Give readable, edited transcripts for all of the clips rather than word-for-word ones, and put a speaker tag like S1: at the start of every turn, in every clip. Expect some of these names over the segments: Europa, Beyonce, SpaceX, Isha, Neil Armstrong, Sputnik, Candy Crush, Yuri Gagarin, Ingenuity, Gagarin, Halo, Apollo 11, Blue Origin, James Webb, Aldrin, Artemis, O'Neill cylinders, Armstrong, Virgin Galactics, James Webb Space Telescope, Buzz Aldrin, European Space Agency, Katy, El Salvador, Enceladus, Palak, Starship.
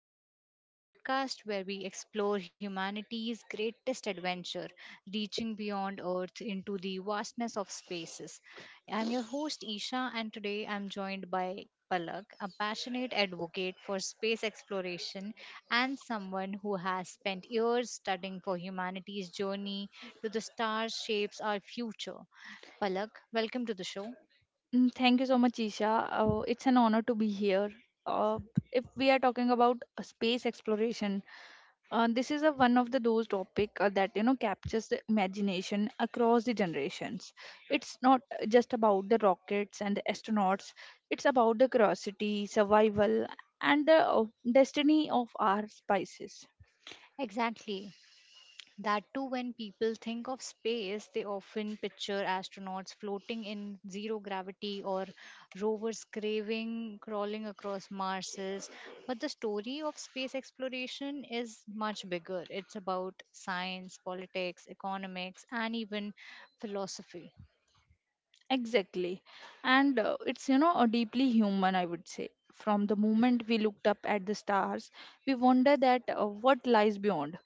S1: Frontiers, the podcast where we explore humanity's greatest adventure, reaching beyond Earth into the vastness of spaces. I'm your host, Isha, and today I'm joined by Palak, a passionate advocate for space exploration and someone who has spent years studying for humanity's journey to the stars shapes our future. Palak, welcome to the show.
S2: Thank you so much, Isha. It's an honor to be here. Uh, if we are talking about space exploration, this is one of the those topic that you know captures the imagination across the generations. It's not just about the rockets and the astronauts. It's about the curiosity, survival, and the destiny of our species.
S1: Exactly. That too, when people think of space, they often picture astronauts floating in zero gravity or rovers craving crawling across Marses. But the story of space exploration is much bigger. It's about science, politics, economics, and even philosophy.
S2: Exactly. And it's a deeply human, I would say. From the moment we looked up at the stars, we wonder that what lies beyond.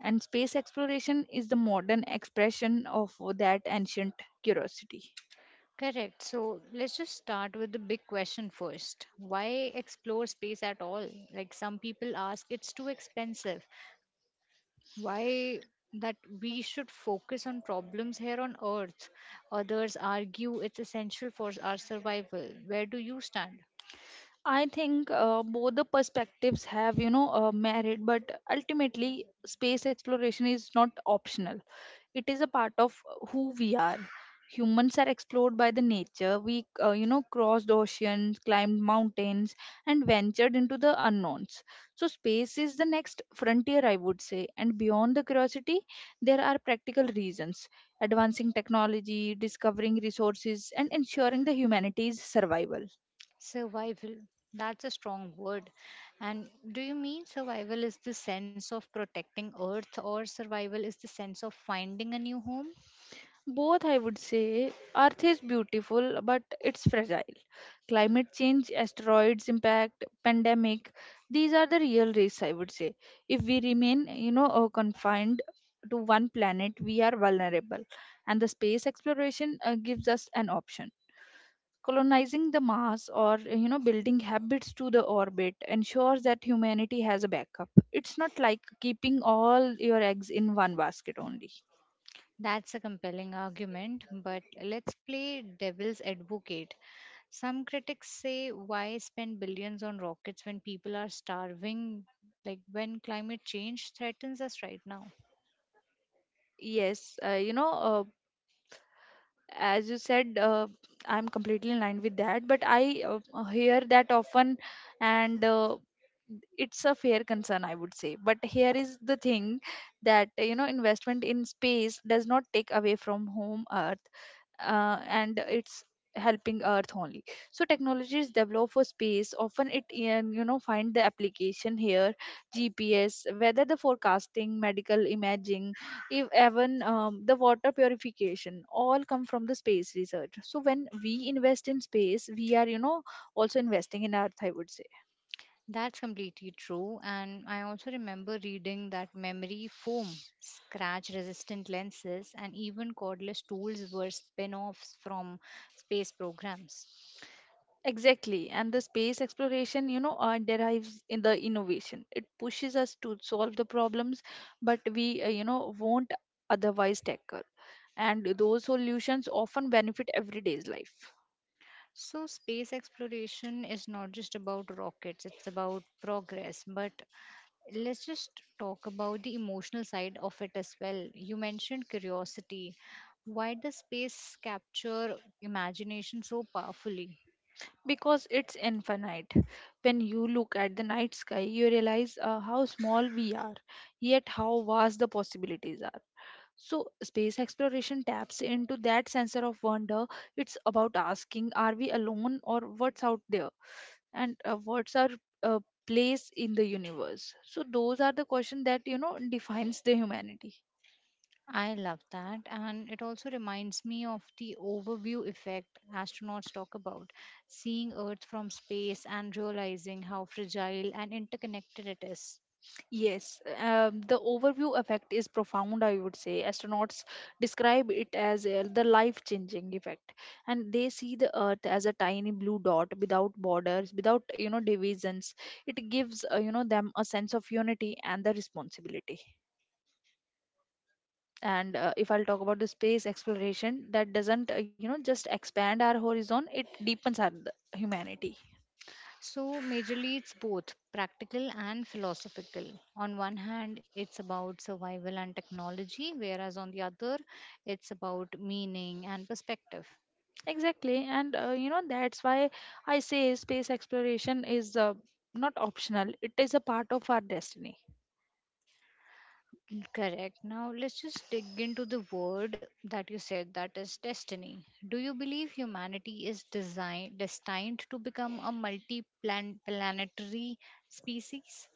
S2: And space exploration is the modern expression of that ancient curiosity.
S1: Correct. So let's just start with the big question first. Why explore space at all? Like some people ask, it's too expensive. Why that we should focus on problems here on earth? Others argue it's essential for our survival. Where do you stand?
S2: I think both the perspectives have, merit, but ultimately, space exploration is not optional. It is a part of who we are. Humans are explored by the nature. We, crossed oceans, climbed mountains, and ventured into the unknowns. So, space is the next frontier, I would say. And beyond the curiosity, there are practical reasons advancing technology, discovering resources, and ensuring the humanity's survival.
S1: Survival, that's a strong word. And do you mean survival is the sense of protecting earth or survival is the sense of finding a new home?
S2: Both, I would say, Earth is beautiful, but it's fragile. Climate change, asteroids impact, pandemic, these are the real risks, I would say. If we remain, confined to one planet, we are vulnerable. And the space exploration gives us an option. Colonizing the Mars or, you know, building habits to the orbit ensures that humanity has a backup. It's not like keeping all your eggs in one basket only.
S1: That's a compelling argument, but let's play devil's advocate. Some critics say, why spend billions on rockets when people are starving, like when climate change threatens us right now?
S2: Yes uh, you know uh. as you said, I'm completely in line with that, but I hear that often, and it's a fair concern, I would say. But here is the thing that investment in space does not take away from home earth, and it's helping earth only. So technologies developed for space often it can, you know, find the application here. GPS, whether the forecasting, medical imaging, if even the water purification, all come from the space research. So when we invest in space, we are, you know, also investing in earth, I would say.
S1: That's completely true. And I also remember reading that memory foam, scratch resistant lenses, and even cordless tools were spin offs from space programs.
S2: Exactly. And the space exploration, derives in the innovation. It pushes us to solve the problems, but we, won't otherwise tackle. And those solutions often benefit everyday's life
S1: So, space exploration is not just about rockets, it's about progress, but let's just talk about the emotional side of it as well. You mentioned curiosity. Why does space capture imagination so powerfully?
S2: because it's infinite. When you look at the night sky, you realize how small we are, yet how vast the possibilities are. So, space exploration taps into that sense of wonder. It's about asking, are we alone or what's out there? And what's our uh, place in the universe. So those are the questions that, you know, defines the humanity.
S1: I love that. And it also reminds me of the overview effect astronauts talk about, seeing Earth from space and realizing how fragile and interconnected it is.
S2: Yes the overview effect is profound, I would say. Astronauts describe it as the life changing effect, and they see the earth as a tiny blue dot without borders, without, you know, divisions. It gives, them a sense of unity and the responsibility. And if I'll talk about the space exploration, that doesn't, you know, just expand our horizon, it deepens our humanity.
S1: So, majorly, it's both practical and philosophical. On one hand, it's about survival and technology, whereas on the other, it's about meaning and perspective.
S2: Exactly. And, you know, that's why I say space exploration is not optional, it is a part of our destiny.
S1: Correct. Now, let's just dig into the word that you said that is destiny. Do you believe humanity is design destined to become a multi planetary species?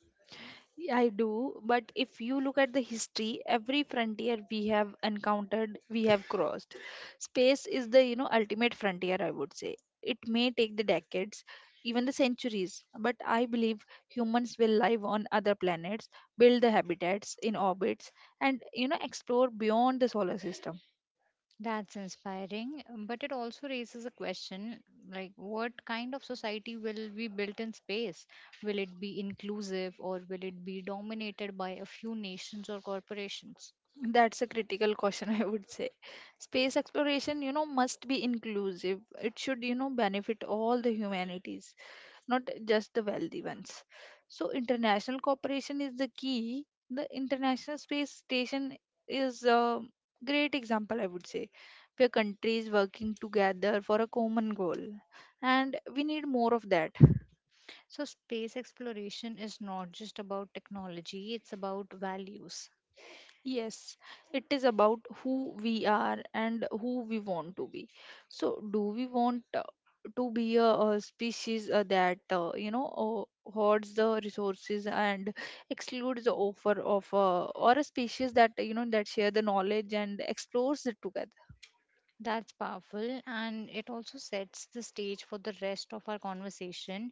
S2: I do, but if you look at the history, every frontier we have encountered, we have crossed. Space is the, you know, ultimate frontier, I would say. It may take the decades, even the centuries, but I believe humans will live on other planets, build the habitats in orbits, and, you know, explore beyond the solar system.
S1: That's inspiring, but it also raises a question like, what kind of society will be built in space? Will it be inclusive or will it be dominated by a few nations or corporations?
S2: That's a critical caution, I would say. Space exploration, you know, must be inclusive. It should, you know, benefit all the humanities, not just the wealthy ones. So, international cooperation is the key. The International Space Station is a great example, I would say, where countries working together for a common goal. And we need more of that.
S1: So, space exploration is not just about technology, it's about values.
S2: Yes, it is about who we are and who we want to be. So, do we want to be a species that, you know, hoards the resources and excludes the offer of, or a species that, you know, that share the knowledge and explores it together?
S1: That's powerful, and it also sets the stage for the rest of our conversation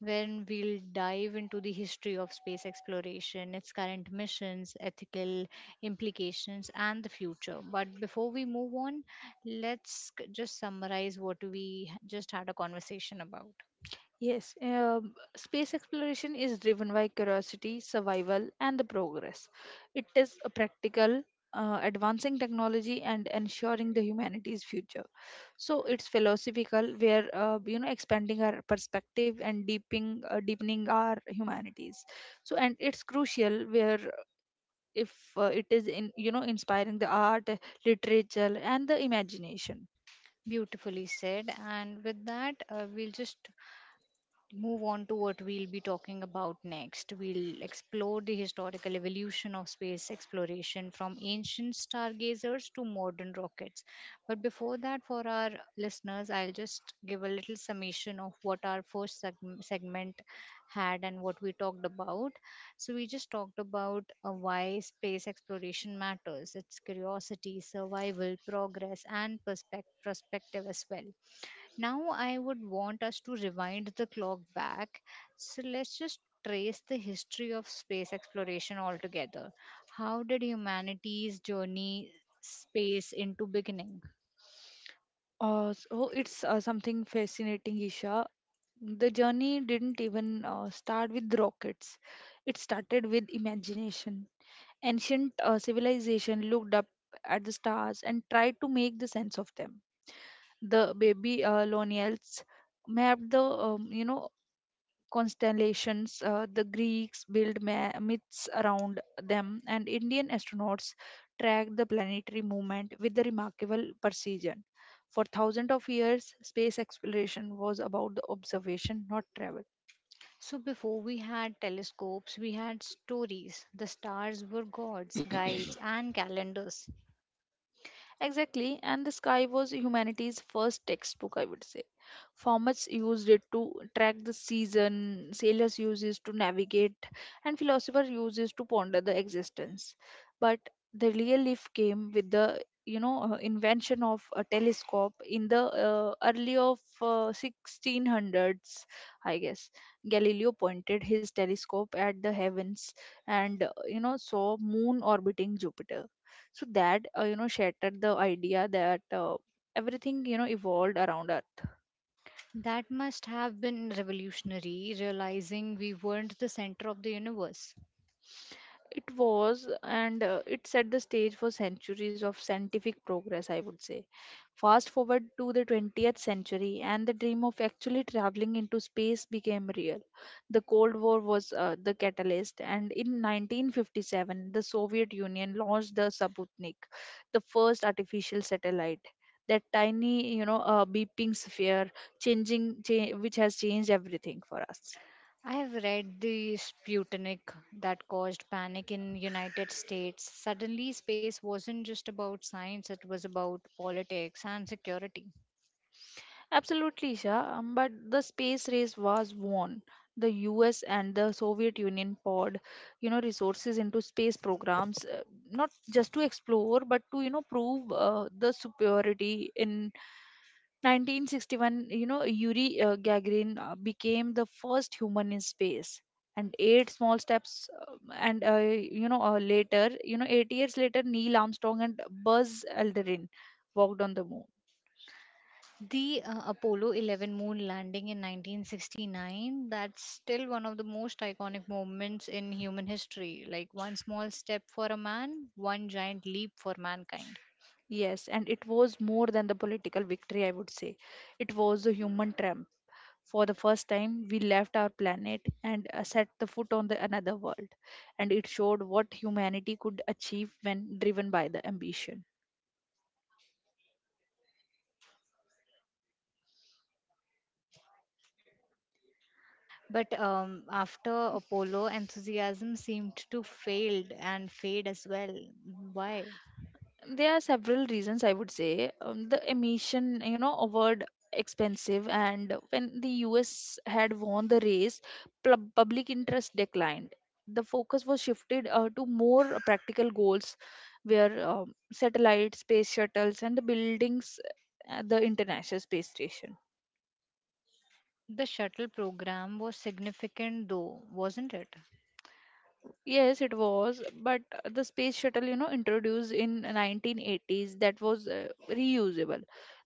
S1: when we'll dive into the history of space exploration, its current missions, ethical implications, and the future. But before we move on, just summarize just had a conversation about.
S2: Yes, space exploration is driven by curiosity, survival, and the progress. It is a practical, advancing technology and ensuring the humanity's future. So it's philosophical where, you know, expanding our perspective and deepening our humanities. So and it's crucial where if it is in, you know, inspiring the art, literature, and the imagination.
S1: Beautifully said. And with that, we'll just move on to what we'll be talking about next. We'll explore the historical evolution of space exploration from ancient stargazers to modern rockets. But before that, for our listeners, I'll just give a little summation of what our segment had and what we talked about. So, we just talked about why space exploration matters, its curiosity, survival, progress, and perspective as well. Now, I would want us to rewind the clock back. So, let's just trace the history of space exploration altogether. How did humanity's journey space into beginning?
S2: So it's something fascinating, Isha. The journey didn't even start with rockets, it started with imagination. Ancient civilization looked up at the stars and tried to make the sense of them. The baby Lonials mapped the, you know, constellations. The Greeks built myths around them, and Indian astronauts tracked the planetary movement with the remarkable precision. For thousands of years, space exploration was about the observation, not travel.
S1: So, before we had telescopes, we had stories. The stars were gods, guides, and calendars.
S2: Exactly, and the sky was humanity's first textbook, I would say. Farmers used it to track the season, sailors used it to navigate, and philosophers used it to ponder the existence. But the real lift came with the, invention of a telescope in the early of 1600s, I guess. Galileo pointed his telescope at the heavens and, you know, saw moon orbiting Jupiter. So that, you know, shattered the idea that everything, you know, evolved around her.
S1: That must have been revolutionary, realizing we weren't the center of the universe.
S2: It was, and it set the stage for centuries of scientific progress, I would say. Fast forward to the 20th century, and the dream of actually traveling into space became real. The Cold War was the catalyst, and in 1957, the Soviet Union launched the Sputnik, the first artificial satellite. That tiny, beeping sphere, which has changed everything for us.
S1: I have read the Sputnik that caused panic in United States. Suddenly space wasn't just about science, it was about politics and security.
S2: Absolutely, Shah. But the space race was won. The US and the Soviet Union poured, you know, resources into space programs, not just to explore, but to, you know, prove the superiority. In 1961, you know, Yuri Gagarin became the first human in space. And eight small steps, and you know, later, you know, 8 years later, Neil Armstrong and Buzz Aldrin walked on the moon.
S1: The Apollo 11 moon landing in 1969, that's still one of the most iconic moments in human history. Like one small step for a man, one giant leap for mankind.
S2: Yes, and it was more than the political victory, I would say. It was a human triumph. For the first time, we left our planet and set the foot on the another world, and it showed what humanity could achieve when driven by the ambition.
S1: But after Apollo, enthusiasm seemed to failed and fade as well. Why?
S2: There are several reasons, I would say. The emission, you know, award expensive, and when the US had won the race, public interest declined. The focus was shifted to more practical goals where, satellites, space shuttles, and the buildings the international space station.
S1: The shuttle program was significant, though, wasn't it?
S2: Yes, it was, but the space shuttle, you know, introduced in 1980s, that was reusable.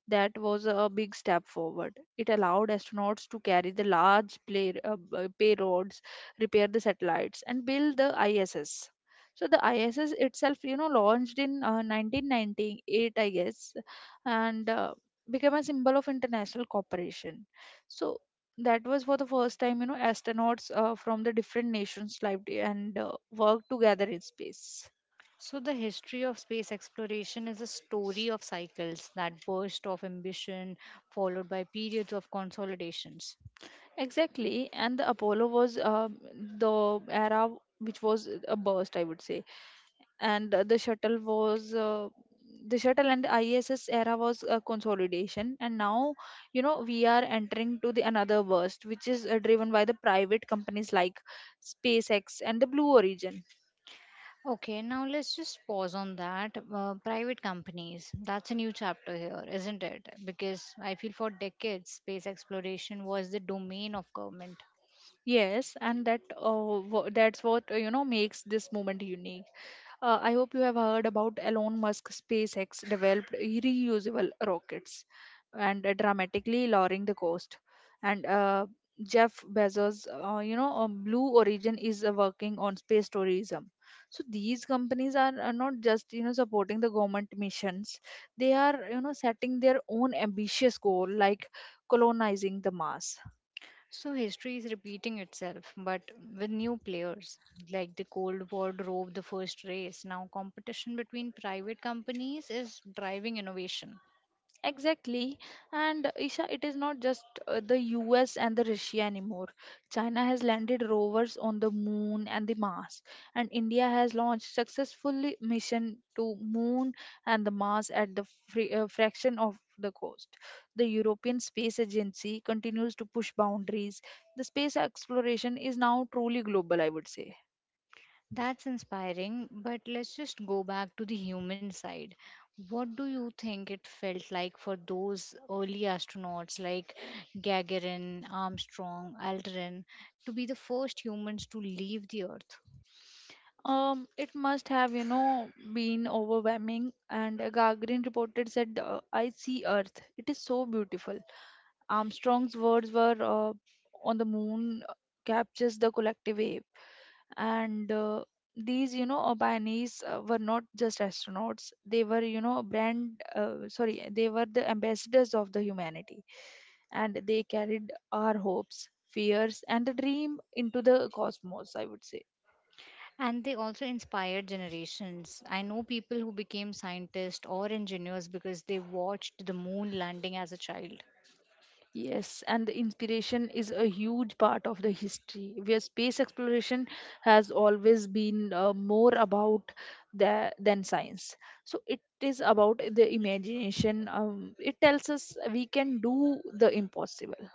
S2: That was a big step forward. It allowed astronauts to carry the large payloads, repair the satellites, and build the ISS. So the ISS itself, you know, launched in 1998, I guess, and became a symbol of international cooperation. So that was for the first time, you know, astronauts from the different nations lived and worked together in space.
S1: So, the history of space exploration is a story of cycles that burst of ambition, followed by periods of consolidations.
S2: Exactly. And the Apollo was the era which was a burst, I would say. And the shuttle and the ISS era was a consolidation, and now, you know, we are entering to the another burst, which is driven by the private companies like SpaceX and the Blue Origin.
S1: Okay, now let's just pause on that. Private companies, that's a new chapter here, isn't it? Because I feel for decades, space exploration was the domain of government.
S2: Yes, and that, that's what, you know, makes this moment unique. I hope you have heard about Elon Musk SpaceX developed reusable rockets and dramatically lowering the cost. And Jeff Bezos, Blue Origin is working on space tourism. So these companies are not just, you know, supporting the government missions; they are, you know, setting their own ambitious goal like colonizing the Mars.
S1: So history is repeating itself, but with new players. Like the Cold War drove the first race. Now competition between private companies is driving innovation.
S2: Exactly. And Isha, it is not just the US and the Russia anymore. China has landed rovers on the moon and the Mars, and India has launched successfully mission to moon and the Mars at the fraction of the cost. The European Space Agency continues to push boundaries. The space exploration is now truly global, I would say.
S1: That's inspiring, but let's just go back to the human side. What do you think it felt like for those early astronauts like Gagarin, Armstrong, Aldrin to be the first humans to leave the Earth?
S2: It must have, you know, been overwhelming. And Gagarin reported said, "I see Earth. It is so beautiful." Armstrong's words were, "On the moon captures the collective wave." And these, pioneers were not just astronauts. They were, you know, brand. They were the ambassadors of the humanity, and they carried our hopes, fears, and the dream into the cosmos, I would say.
S1: And they also inspired generations. I know people who became scientists or engineers because they watched the moon landing as a child.
S2: Yes, and the inspiration is a huge part of the history where space exploration has always been more about the, than science. So it is about the imagination. It tells us we can do the impossible.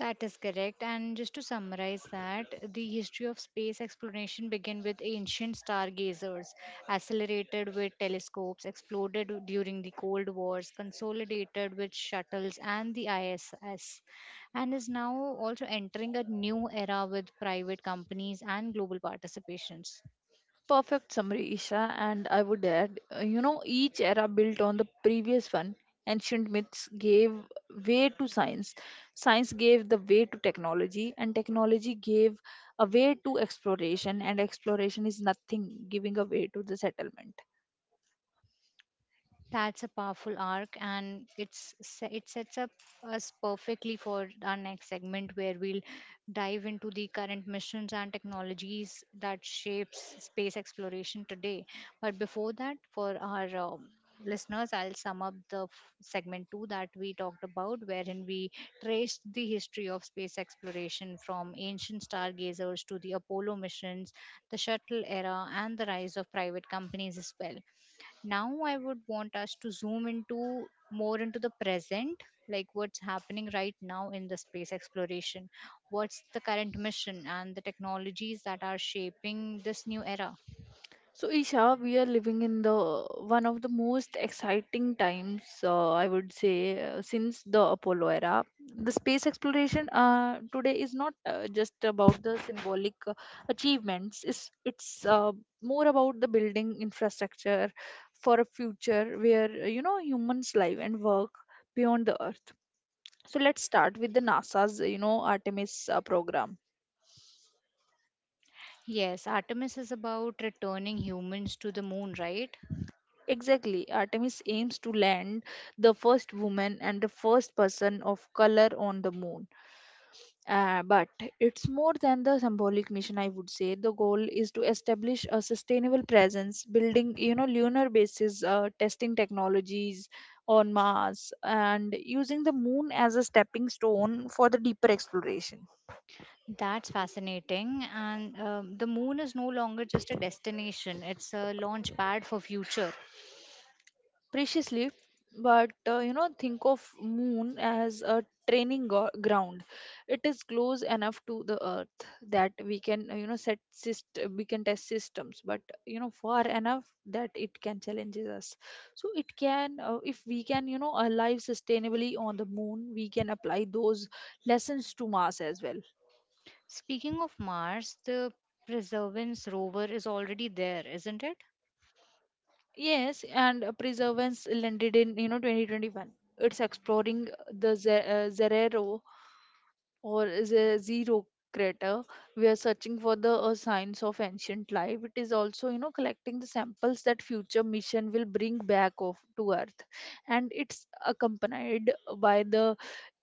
S1: That is correct. And just to summarize that, the history of space exploration began with ancient stargazers, accelerated with telescopes, exploded during the Cold Wars, consolidated with shuttles and the ISS, and is now also entering a new era with private companies and global participations.
S2: Perfect summary, Isha, and I would add, each era built on the previous one. Ancient myths gave way to science, science gave the way to technology, and technology gave a way to exploration, and exploration is nothing giving a way to the settlement.
S1: That's a powerful arc, and it sets up us perfectly for our next segment, where we'll dive into the current missions and technologies that shapes space exploration today. But before that, for our listeners, I'll sum up segment two that we talked about, wherein we traced the history of space exploration from ancient stargazers to the Apollo missions, the shuttle era, and the rise of private companies as well. Now I would want us to zoom into more into the present, like what's happening right now in the space exploration, what's the current mission and the technologies that are shaping this new era.
S2: So, Isha, we are living in the one of the most exciting times, I would say, since the Apollo era. The space exploration today is not just about the symbolic achievements. It's more about the building infrastructure for a future where humans live and work beyond the Earth. So let's start with the NASA's Artemis program.
S1: Yes, Artemis is about returning humans to the moon, right?
S2: Exactly. Artemis aims to land the first woman and the first person of color on the moon. But it's more than the symbolic mission, I would say. The goal is to establish a sustainable presence, building, you know, lunar bases, testing technologies on Mars, and using the moon as a stepping stone for the deeper exploration.
S1: That's fascinating. And the moon is no longer just a destination, it's a launch pad for future.
S2: Preciously, but you know, think of moon as a training ground. It is close enough to the earth that we can you know, we can test systems, but you know, far enough that it can challenge us. So it can if we can, you know, alive sustainably on the moon, we can apply those lessons to Mars as well.
S1: Speaking of Mars, the Perseverance rover is already there, isn't it?
S2: Yes, and preservance landed in, you know, 2021. It's exploring the Zerero, or is a zero, crater. We are searching for the signs of ancient life. It is also, you know, collecting the samples that future mission will bring back of to earth. And it's accompanied by the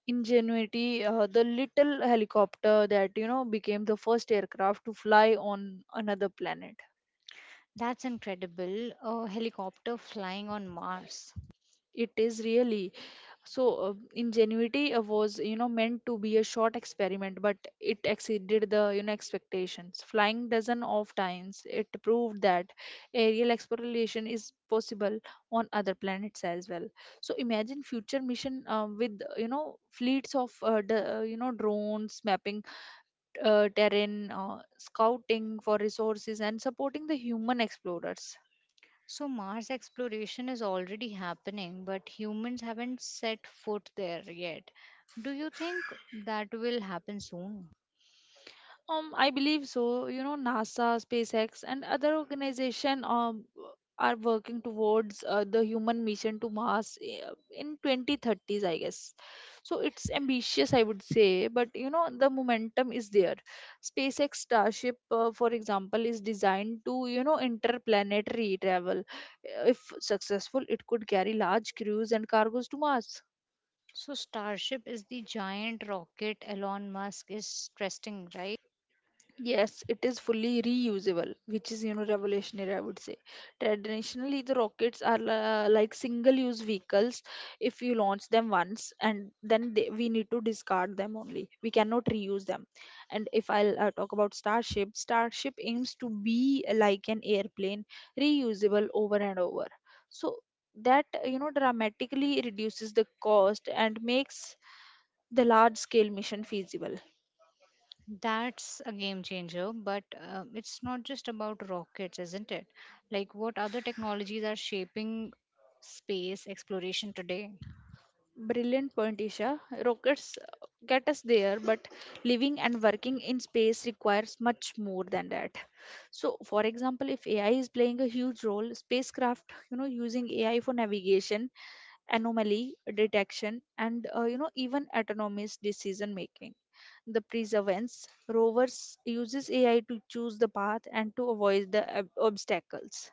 S2: ingenuity, the little helicopter that, you know, became the first aircraft to fly on another planet.
S1: That's incredible. A helicopter flying on Mars.
S2: It is really so. Ingenuity was, you know, meant to be a short experiment, but it exceeded the, you know, expectations, flying dozen of times. It proved that aerial exploration is possible on other planets as well. So imagine future mission with, you know, fleets of you know, drones mapping terrain, scouting for resources and supporting the human explorers.
S1: So, Mars exploration is already happening, but humans haven't set foot there yet. Do you think that will happen soon?
S2: I believe so. You know, NASA, SpaceX, and other organization are working towards the human mission to Mars in 2030s, I guess. So it's ambitious, I would say, but you know, the momentum is there. SpaceX Starship, for example, is designed to, you know, interplanetary travel. If successful, it could carry large crews and cargoes to Mars.
S1: So, Starship is the giant rocket Elon Musk is testing, right?
S2: Yes, it is fully reusable, which is, you know, revolutionary, I would say. Traditionally, the rockets are like single-use vehicles. If you launch them once and then they, we need to discard them only. We cannot reuse them. And if I'll talk about Starship, Starship aims to be like an airplane, reusable over and over. So that, you know, dramatically reduces the cost and makes the large-scale mission feasible.
S1: That's a game changer, but it's not just about rockets, isn't it? Like, what other technologies are shaping space exploration today?
S2: Brilliant point, Isha. Rockets get us there, but living and working in space requires much more than that. So, for example, if AI is playing a huge role, spacecraft, you know, using AI for navigation, anomaly detection, and you know, even autonomous decision making. The perseverance rovers uses AI to choose the path and to avoid the obstacles.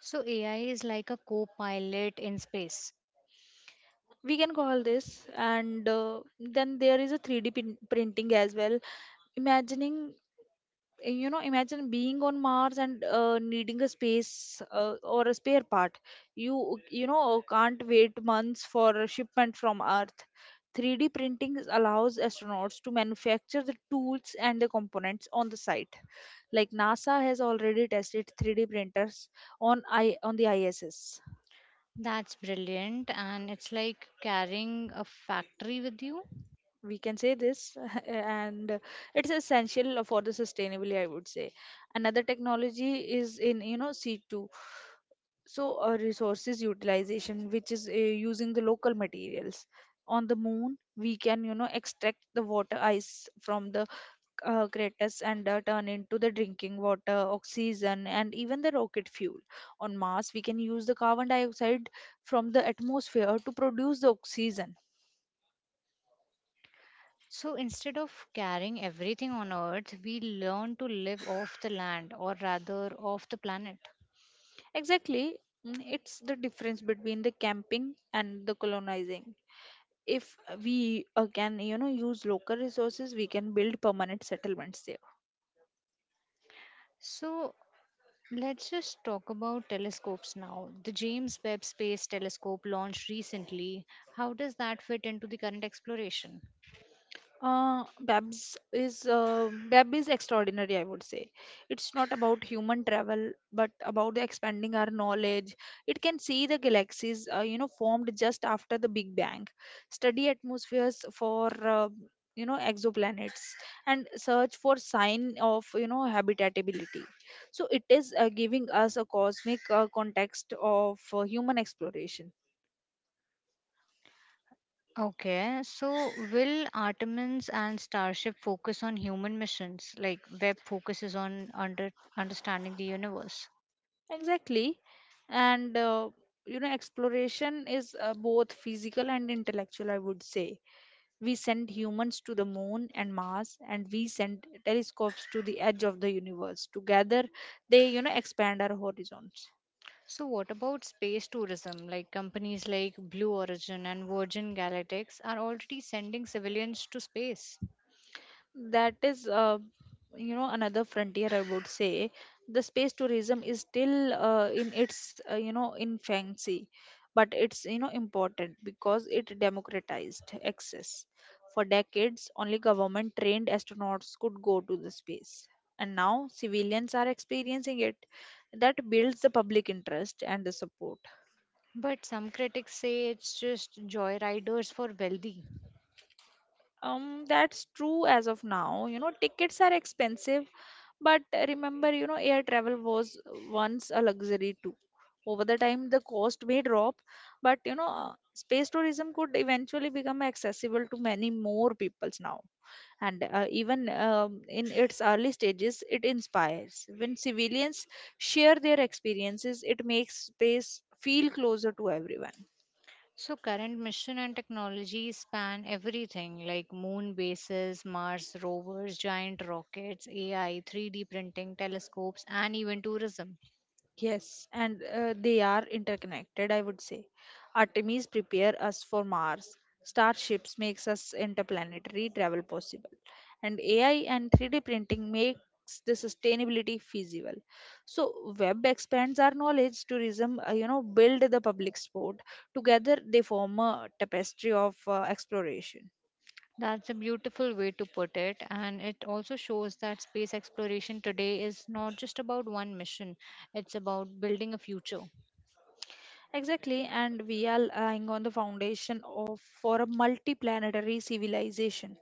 S1: So AI is like a co-pilot in space.
S2: We can call this, and then there is a 3D printing as well. Imagining you know, imagine being on Mars and needing a space or a spare part. You know, can't wait months for a shipment from earth. 3D printing allows astronauts to manufacture the tools and the components on the site, like NASA has already tested 3D printers on I on the ISS.
S1: That's brilliant and it's like carrying a factory with you.
S2: We can say this. And it's essential for the sustainability, I would say. Another technology is in, you know, c2, so resources utilization, which is using the local materials. On the moon, we can, you know, extract the water ice from the craters and turn into the drinking water, oxygen, and even the rocket fuel. On Mars, we can use the carbon dioxide from the atmosphere to produce the oxygen.
S1: So instead of carrying everything on earth, we learn to live off the land or rather off the planet.
S2: Exactly. It's the difference between the camping and the colonizing. If we can, you know, use local resources, we can build permanent settlements there.
S1: So let's just talk about telescopes now. The James Webb Space Telescope launched recently. How does that fit into the current exploration?
S2: Babs is Bab is extraordinary, I would say. It's not about human travel, but about the expanding our knowledge. It can see the galaxies, you know, formed just after the Big Bang, study atmospheres for you know, exoplanets, and search for sign of, you know, habitability. So it is giving us a cosmic context of human exploration.
S1: Okay, so will Artemis and Starship focus on human missions, like Webb focuses on understanding the universe?
S2: Exactly. And, you know, exploration is both physical and intellectual, I would say. We send humans to the moon and Mars, and we send telescopes to the edge of the universe. Together, they, you know, expand our horizons.
S1: So what about space tourism? Like companies like Blue Origin and Virgin Galactics are already sending civilians to space.
S2: That is you know, another frontier, I would say. The space tourism is still in its, you know, infancy, but it's, you know, important because it democratized access. For decades, only government trained astronauts could go to the space, and now civilians are experiencing it. That builds the public interest and the support.
S1: But some critics say it's just joyriders for wealthy.
S2: That's true as of now. You know, tickets are expensive, but remember, you know, air travel was once a luxury too. Over the time, the cost may drop, but you know, space tourism could eventually become accessible to many more peoples now. And even in its early stages, it inspires. When civilians share their experiences, it makes space feel closer to everyone.
S1: So current mission and technology span everything like moon bases, Mars rovers, giant rockets, AI, 3D printing, telescopes, and even tourism.
S2: Yes, and they are interconnected, I would say. Artemis prepare us for Mars. Starships makes us interplanetary travel possible. And AI and 3D printing makes the sustainability feasible. So web expands our knowledge, tourism, you know, build the public sport. Together they form a tapestry of exploration.
S1: That's a beautiful way to put it, and it also shows that space exploration today is not just about one mission, it's about building a future.
S2: Exactly, and we are lying on the foundation of for a multi-planetary civilization.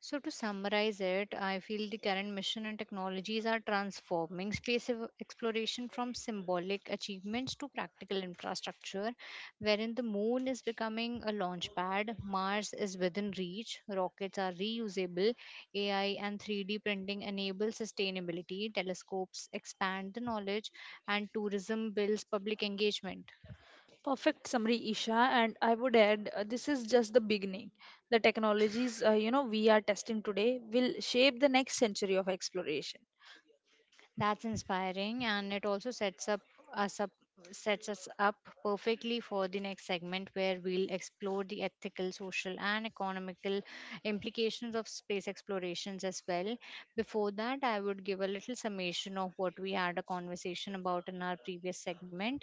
S1: So, to summarize it, I feel the current mission and technologies are transforming exploration from symbolic achievements to practical infrastructure, wherein the moon is becoming a launch pad, Mars is within reach, rockets are reusable, AI and 3D printing enable sustainability, telescopes expand the knowledge, and tourism builds public engagement.
S2: Perfect summary, Isha. And I would add, this is just the beginning. The technologies, you know, we are testing today will shape the next century of exploration.
S1: That's inspiring, and it also us up sets us up perfectly for the next segment where we'll explore the ethical, social, and economical implications of space explorations as well. Before that, I would give a little summation of what we had a conversation about in our previous segment.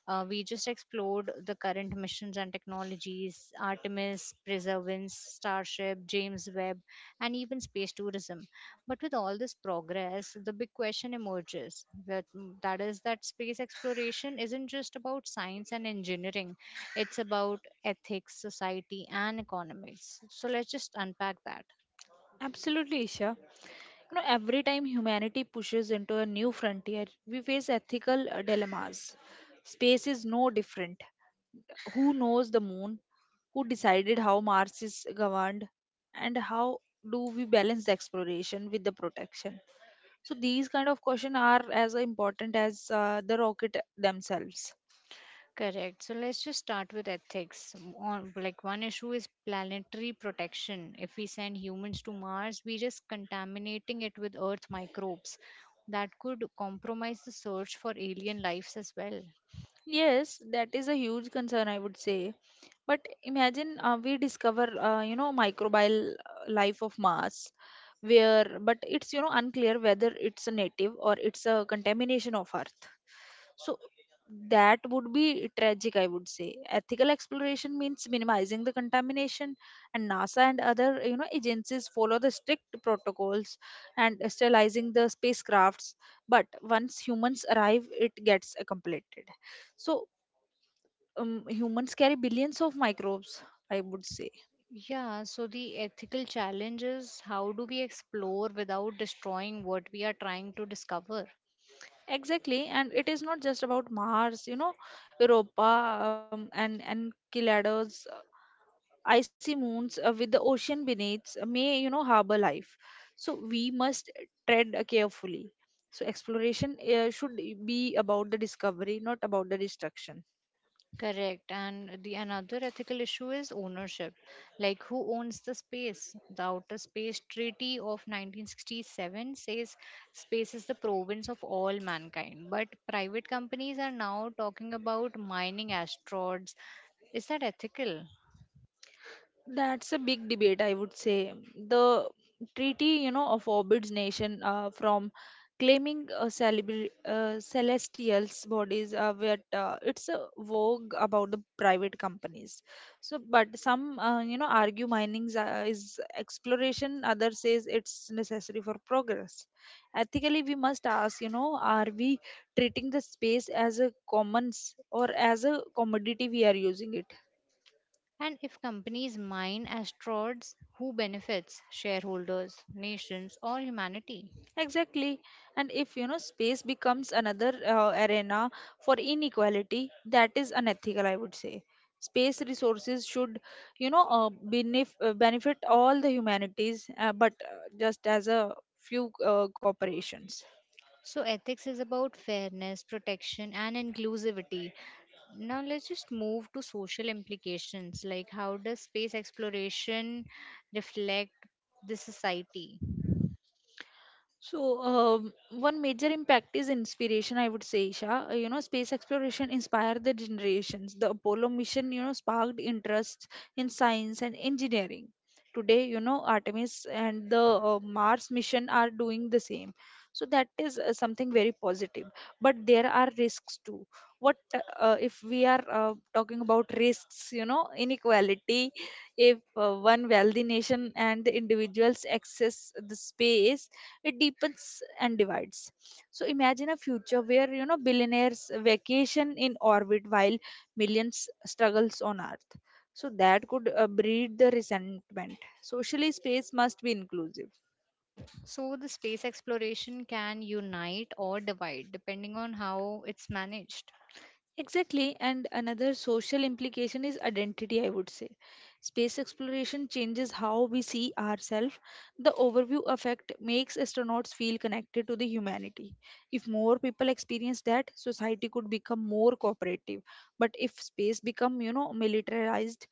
S1: We just explored the current missions and technologies, Artemis, Perseverance, Starship, James Webb, and even space tourism. But with all this progress, the big question emerges that that is that space exploration isn't just about science and engineering. It's about ethics, society and economics. So let's just unpack that.
S2: Absolutely, Isha. You know, every time humanity pushes into a new frontier, we face ethical dilemmas. Space is no different. Who knows the moon? Who decided how Mars is governed? And how do we balance the exploration with the protection? So these kind of questions are as important as the rocket themselves.
S1: Correct. So let's just start with ethics. On like one issue is planetary protection. If we send humans to Mars, we are just contaminating it with earth microbes that could compromise the search for alien lives as well.
S2: Yes, that is a huge concern, I would say. But imagine we discover, you know, microbial life of Mars, where, but it's, you know, unclear whether it's a native or it's a contamination of Earth. So that would be tragic, I would say. Ethical exploration means minimizing the contamination, and NASA and other, you know, agencies follow the strict protocols and sterilizing the spacecrafts. But once humans arrive, it gets completed. So humans carry billions of microbes, I would say.
S1: Yeah, so the ethical challenge is how do we explore without destroying what we are trying to discover?
S2: Exactly, and it is not just about Mars. You know, Europa and Enceladus, icy moons with the ocean beneath may, you know, harbor life. So we must tread carefully. So exploration should be about the discovery, not about the destruction.
S1: Correct. And the another ethical issue is ownership. Like who owns the space? The Outer Space Treaty of 1967 says space is the province of all mankind. But private companies are now talking about mining asteroids. Is that ethical?
S2: That's a big debate, I would say. The treaty, you know, of Orbit's nation from claiming celestials bodies, where it's a vogue about the private companies. So but some, you know, argue mining is exploration, others says it's necessary for progress. Ethically, we must ask, you know, are we treating the space as a commons or as a commodity we are using it?
S1: And if companies mine as frauds, who benefits? Shareholders, nations, or humanity?
S2: Exactly. And if, you know, space becomes another arena for inequality, that is unethical, I would say. Space resources should, you know, benefit all the humanities, but just as a few corporations.
S1: So, ethics is about fairness, protection, and inclusivity. Now, let's just move to social implications like how does space exploration reflect the society?
S2: So, one major impact is inspiration, I would say, Isha. You know, space exploration inspired the generations. The Apollo mission, you know, sparked interest in science and engineering. Today, you know, Artemis and the Mars mission are doing the same. So, that is something very positive. But there are risks too. What if we are talking about risks, you know, inequality, if one wealthy nation and the individuals access the space, it deepens and divides. So imagine a future where, you know, billionaires vacation in orbit while millions struggles on earth. So that could breed the resentment. Socially, space must be inclusive.
S1: So, the space exploration can unite or divide depending on how it's managed.
S2: Exactly, and another social implication is identity, I would say. Space exploration changes how we see ourselves. The overview effect makes astronauts feel connected to the humanity. If more people experience that, society could become more cooperative. But if space become, you know, militarized,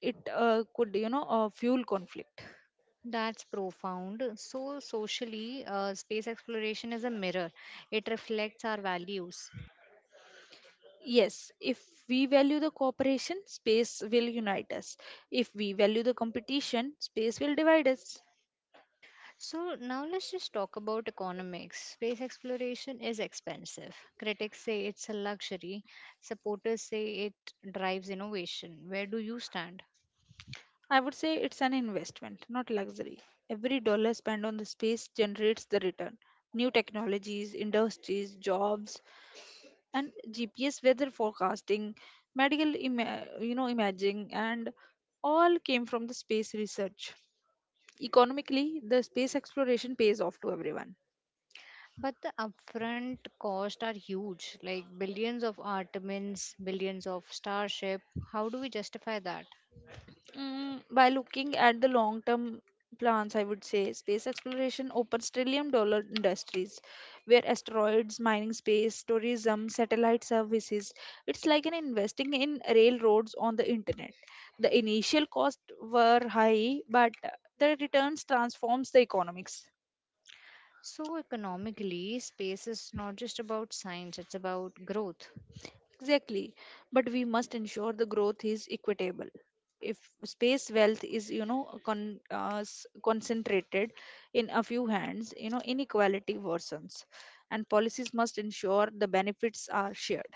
S2: it could fuel conflict.
S1: That's profound. So, socially, space exploration is a mirror, it reflects our values.
S2: Yes, if we value the cooperation, space will unite us. If we value the competition, space will divide us.
S1: So, now let's just talk about economics. Space exploration is expensive. Critics say it's a luxury, supporters say it drives innovation. Where do you stand?
S2: I would say it's an investment, not luxury. Every dollar spent on the space generates the return. New technologies, industries, jobs, and GPS weather forecasting, medical imaging, and all came from the space research. Economically, the space exploration pays off to everyone.
S1: But the upfront costs are huge, like billions of Artemins, billions of Starship. How do we justify that?
S2: Mm, by looking at the long term plans, I would say space exploration opens trillion dollar industries where asteroids, mining space, tourism, satellite services. It's like an investing in railroads on the internet. The initial costs were high, but the returns transforms the economics.
S1: So, economically, space is not just about science, it's about growth.
S2: Exactly. But we must ensure the growth is equitable. If space wealth is, you know, concentrated in a few hands, you know, inequality worsens. And policies must ensure the benefits are shared.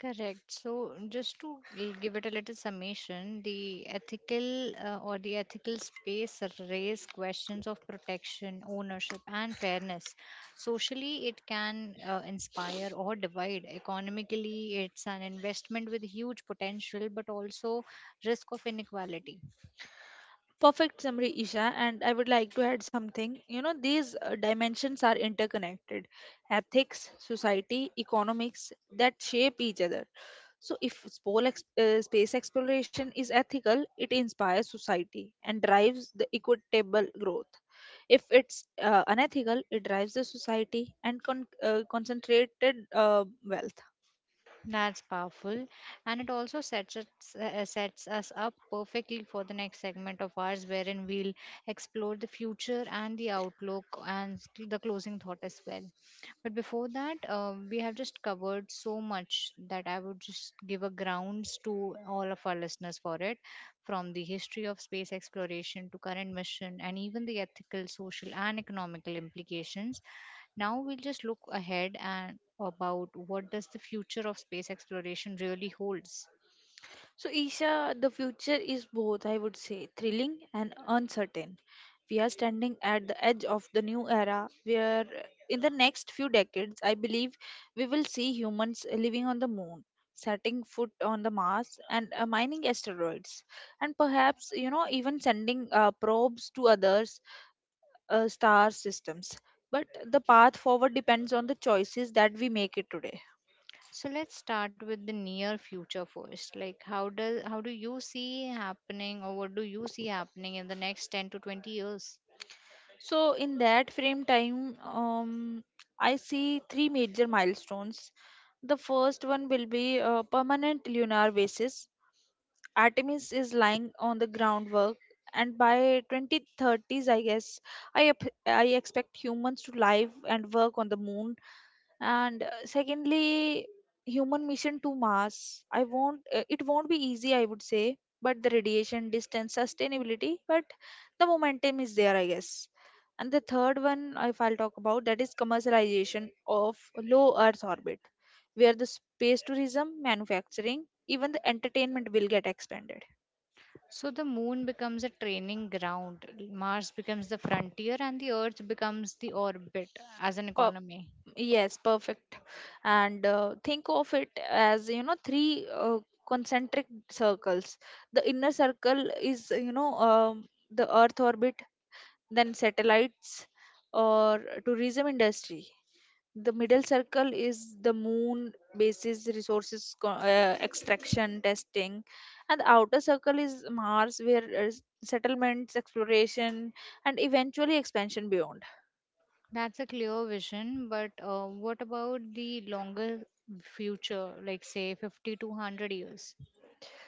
S1: Correct. So, just to give it a little summation, the ethical space raise questions of protection, ownership, and fairness. Socially, it can inspire or divide. Economically, it's an investment with huge potential, but also risk of inequality.
S2: Perfect summary, Isha, and I would like to add something. You know, these dimensions are interconnected ethics, society, economics that shape each other. So, if space exploration is ethical, it inspires society and drives the equitable growth. If it's unethical, it drives the society and concentrated wealth.
S1: That's powerful, and it also sets us up perfectly for the next segment of ours, wherein we'll explore the future and the outlook and the closing thought as well. But before that, we have just covered so much that I would just give a grounds to all of our listeners for it, from the history of space exploration to current mission and even the ethical, social, and economical implications. Now we'll just look ahead and about what does the future of space exploration really holds.
S2: So, Isha, the future is both, I would say, thrilling and uncertain. We are standing at the edge of the new era where, in the next few decades, I believe we will see humans living on the moon, setting foot on the Mars, and mining asteroids, and perhaps, you know, even sending probes to others star systems. But the path forward depends on the choices that we make it today.
S1: So let's start with the near future first. Like how do you see happening or what do you see happening in the next 10 to 20 years?
S2: So, in that frame time, I see three major milestones. The first one will be a permanent lunar basis. Artemis is lying on the groundwork, and by 2030s, I guess, I expect humans to live and work on the moon, and secondly, human mission to mars. I won't It won't be easy, I would say, but the radiation, distance, sustainability. But the momentum is there, I guess. And the third one, if I'll talk about that, is commercialization of low earth orbit, where the space tourism, manufacturing, even the entertainment will get expanded.
S1: So the moon becomes a training ground, Mars becomes the frontier, and the Earth becomes the orbit as an economy.
S2: Yes, perfect. And think of it as, you know, three concentric circles. The inner circle is, you know, the Earth orbit, then satellites or tourism industry. The middle circle is the moon basis resources extraction testing, and the outer circle is Mars, where settlements, exploration, and eventually expansion beyond.
S1: That's a clear vision, but what about the longer future, like say 50 to 100 years?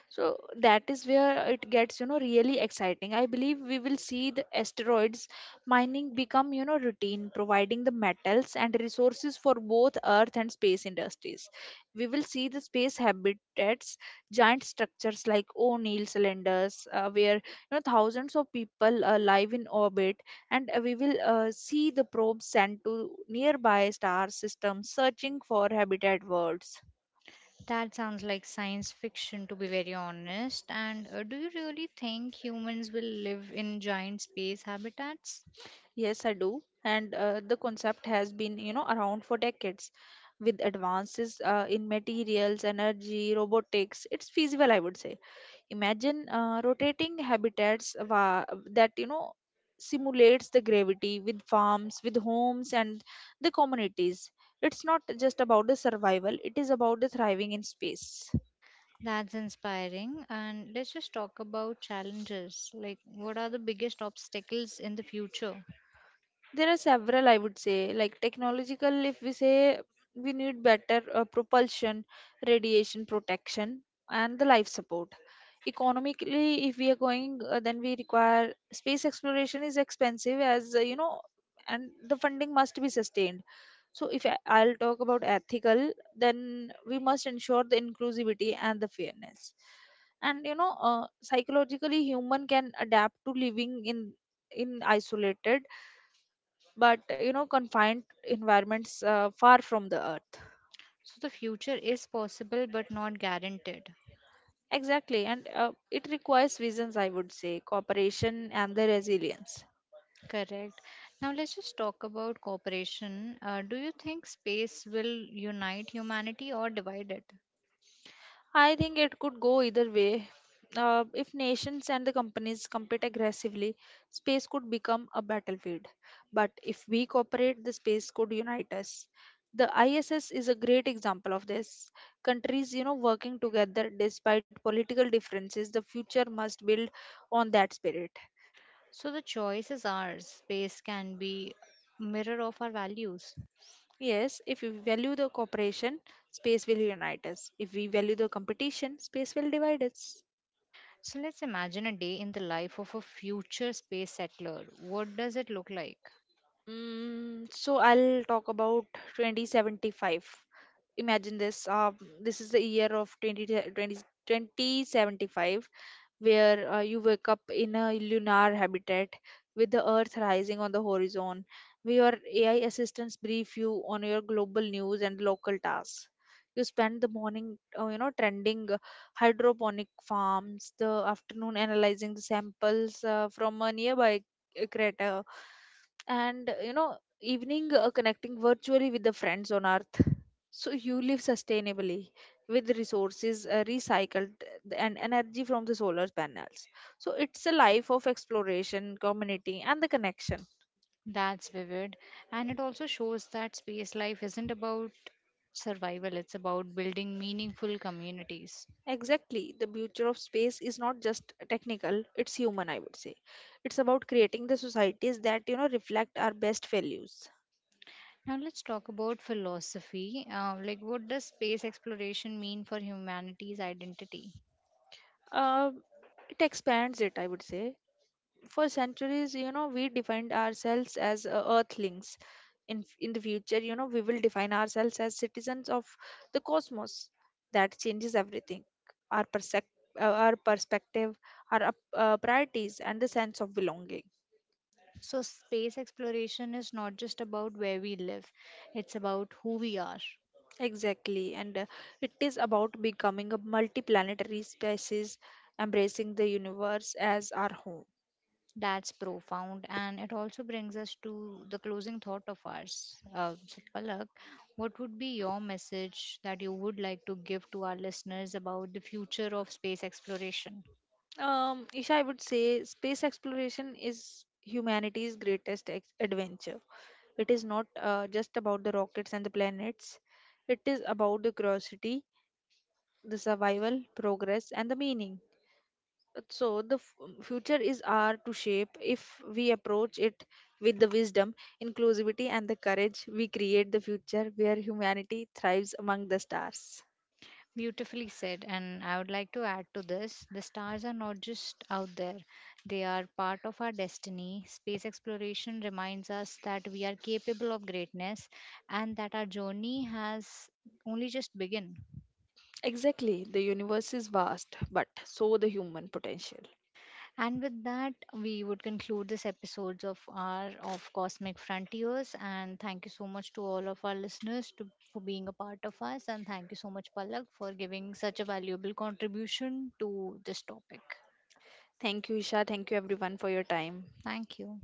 S2: So that is where it gets, you know, really exciting. I believe we will see the asteroids mining become, you know, routine, providing the metals and resources for both earth and space industries. We will see the space habitats, giant structures like O'Neill cylinders, where, you know, thousands of people live in orbit. And we will see the probes sent to nearby star systems searching for habitat worlds.
S1: That sounds like science fiction, to be very honest. And do you really think humans will live in giant space habitats?
S2: Yes, I do. And the concept has been, you know, around for decades. With advances in materials, energy, robotics, it's feasible, I would say. Imagine rotating habitats that, you know, simulates the gravity with farms, with homes, and the communities. It's not just about the survival, it is about the thriving in space.
S1: That's inspiring. And let's just talk about challenges. Like, what are the biggest obstacles in the future?
S2: There are several, I would say, like technological. If we say we need better propulsion, radiation protection, and the life support. Economically, if we are going, then we require space exploration is expensive as you know, and the funding must be sustained. So, if I- I'll talk about ethical, then we must ensure the inclusivity and the fairness. And you know, psychologically, human can adapt to living in isolated but, you know, confined environments far from the earth.
S1: So the future is possible but not guaranteed.
S2: Exactly, and it requires visions, I would say, cooperation and the resilience.
S1: Correct. Now let's just talk about cooperation. Do you think space will unite humanity or divide it?
S2: I think it could go either way. If nations and the companies compete aggressively, space could become a battlefield. But if we cooperate, the space could unite us. The ISS is a great example of this. Countries, you know, working together despite political differences. The future must build on that spirit.
S1: So the choice is ours. Space can be mirror of our values.
S2: Yes, if we value the cooperation, space will unite us. If we value the competition, space will divide us.
S1: So let's imagine a day in the life of a future space settler. What does it look like?
S2: Mm, so I'll talk about 2075. Imagine this. This is the year of 20, twenty, 2075, where you wake up in a lunar habitat with the earth rising on the horizon, where your AI assistants brief you on your global news and local tasks. You spend the morning, you know, trending hydroponic farms, the afternoon analyzing the samples from a nearby crater, and you know, evening connecting virtually with the friends on earth. So you live sustainably with resources recycled and energy from the solar panels. So it's a life of exploration, community, and the connection.
S1: That's vivid. And it also shows that space life isn't about survival, it's about building meaningful communities.
S2: Exactly, the future of space is not just technical, it's human, I would say. It's about creating the societies that, you know, reflect our best values.
S1: Now let's talk about philosophy. Like, what does space exploration mean for humanity's identity?
S2: uh, it expands it, I would say. For centuries, you know, we defined ourselves as earthlings. In the future, you know, we will define ourselves as citizens of the cosmos. That changes everything. Our perspective, our priorities and the sense of belonging.
S1: So, space exploration is not just about where we live, it's about who we are.
S2: Exactly, and it is about becoming a multiplanetary species, embracing the universe as our home.
S1: That's profound, and it also brings us to the closing thought of ours. So, Palak, what would be your message that you would like to give to our listeners about the future of space exploration?
S2: Isha, I would say space exploration is humanity's greatest adventure. It is not just about the rockets and the planets, it is about the curiosity, the survival, progress, and the meaning. So, the future is ours to shape if we approach it with the wisdom, inclusivity, and the courage. We create the future where humanity thrives among the stars.
S1: Beautifully said, and I would like to add to this the stars are not just out there, they are part of our destiny. Space exploration reminds us that we are capable of greatness and that our journey has only just begun.
S2: Exactly, the universe is vast, but so the human potential.
S1: And with that, we would conclude this episodes of Cosmic Frontiers. And thank you so much to all of our listeners for being a part of us. And thank you so much, Palak, for giving such a valuable contribution to this topic.
S2: Thank you, Isha. Thank you, everyone, for your time.
S1: Thank you.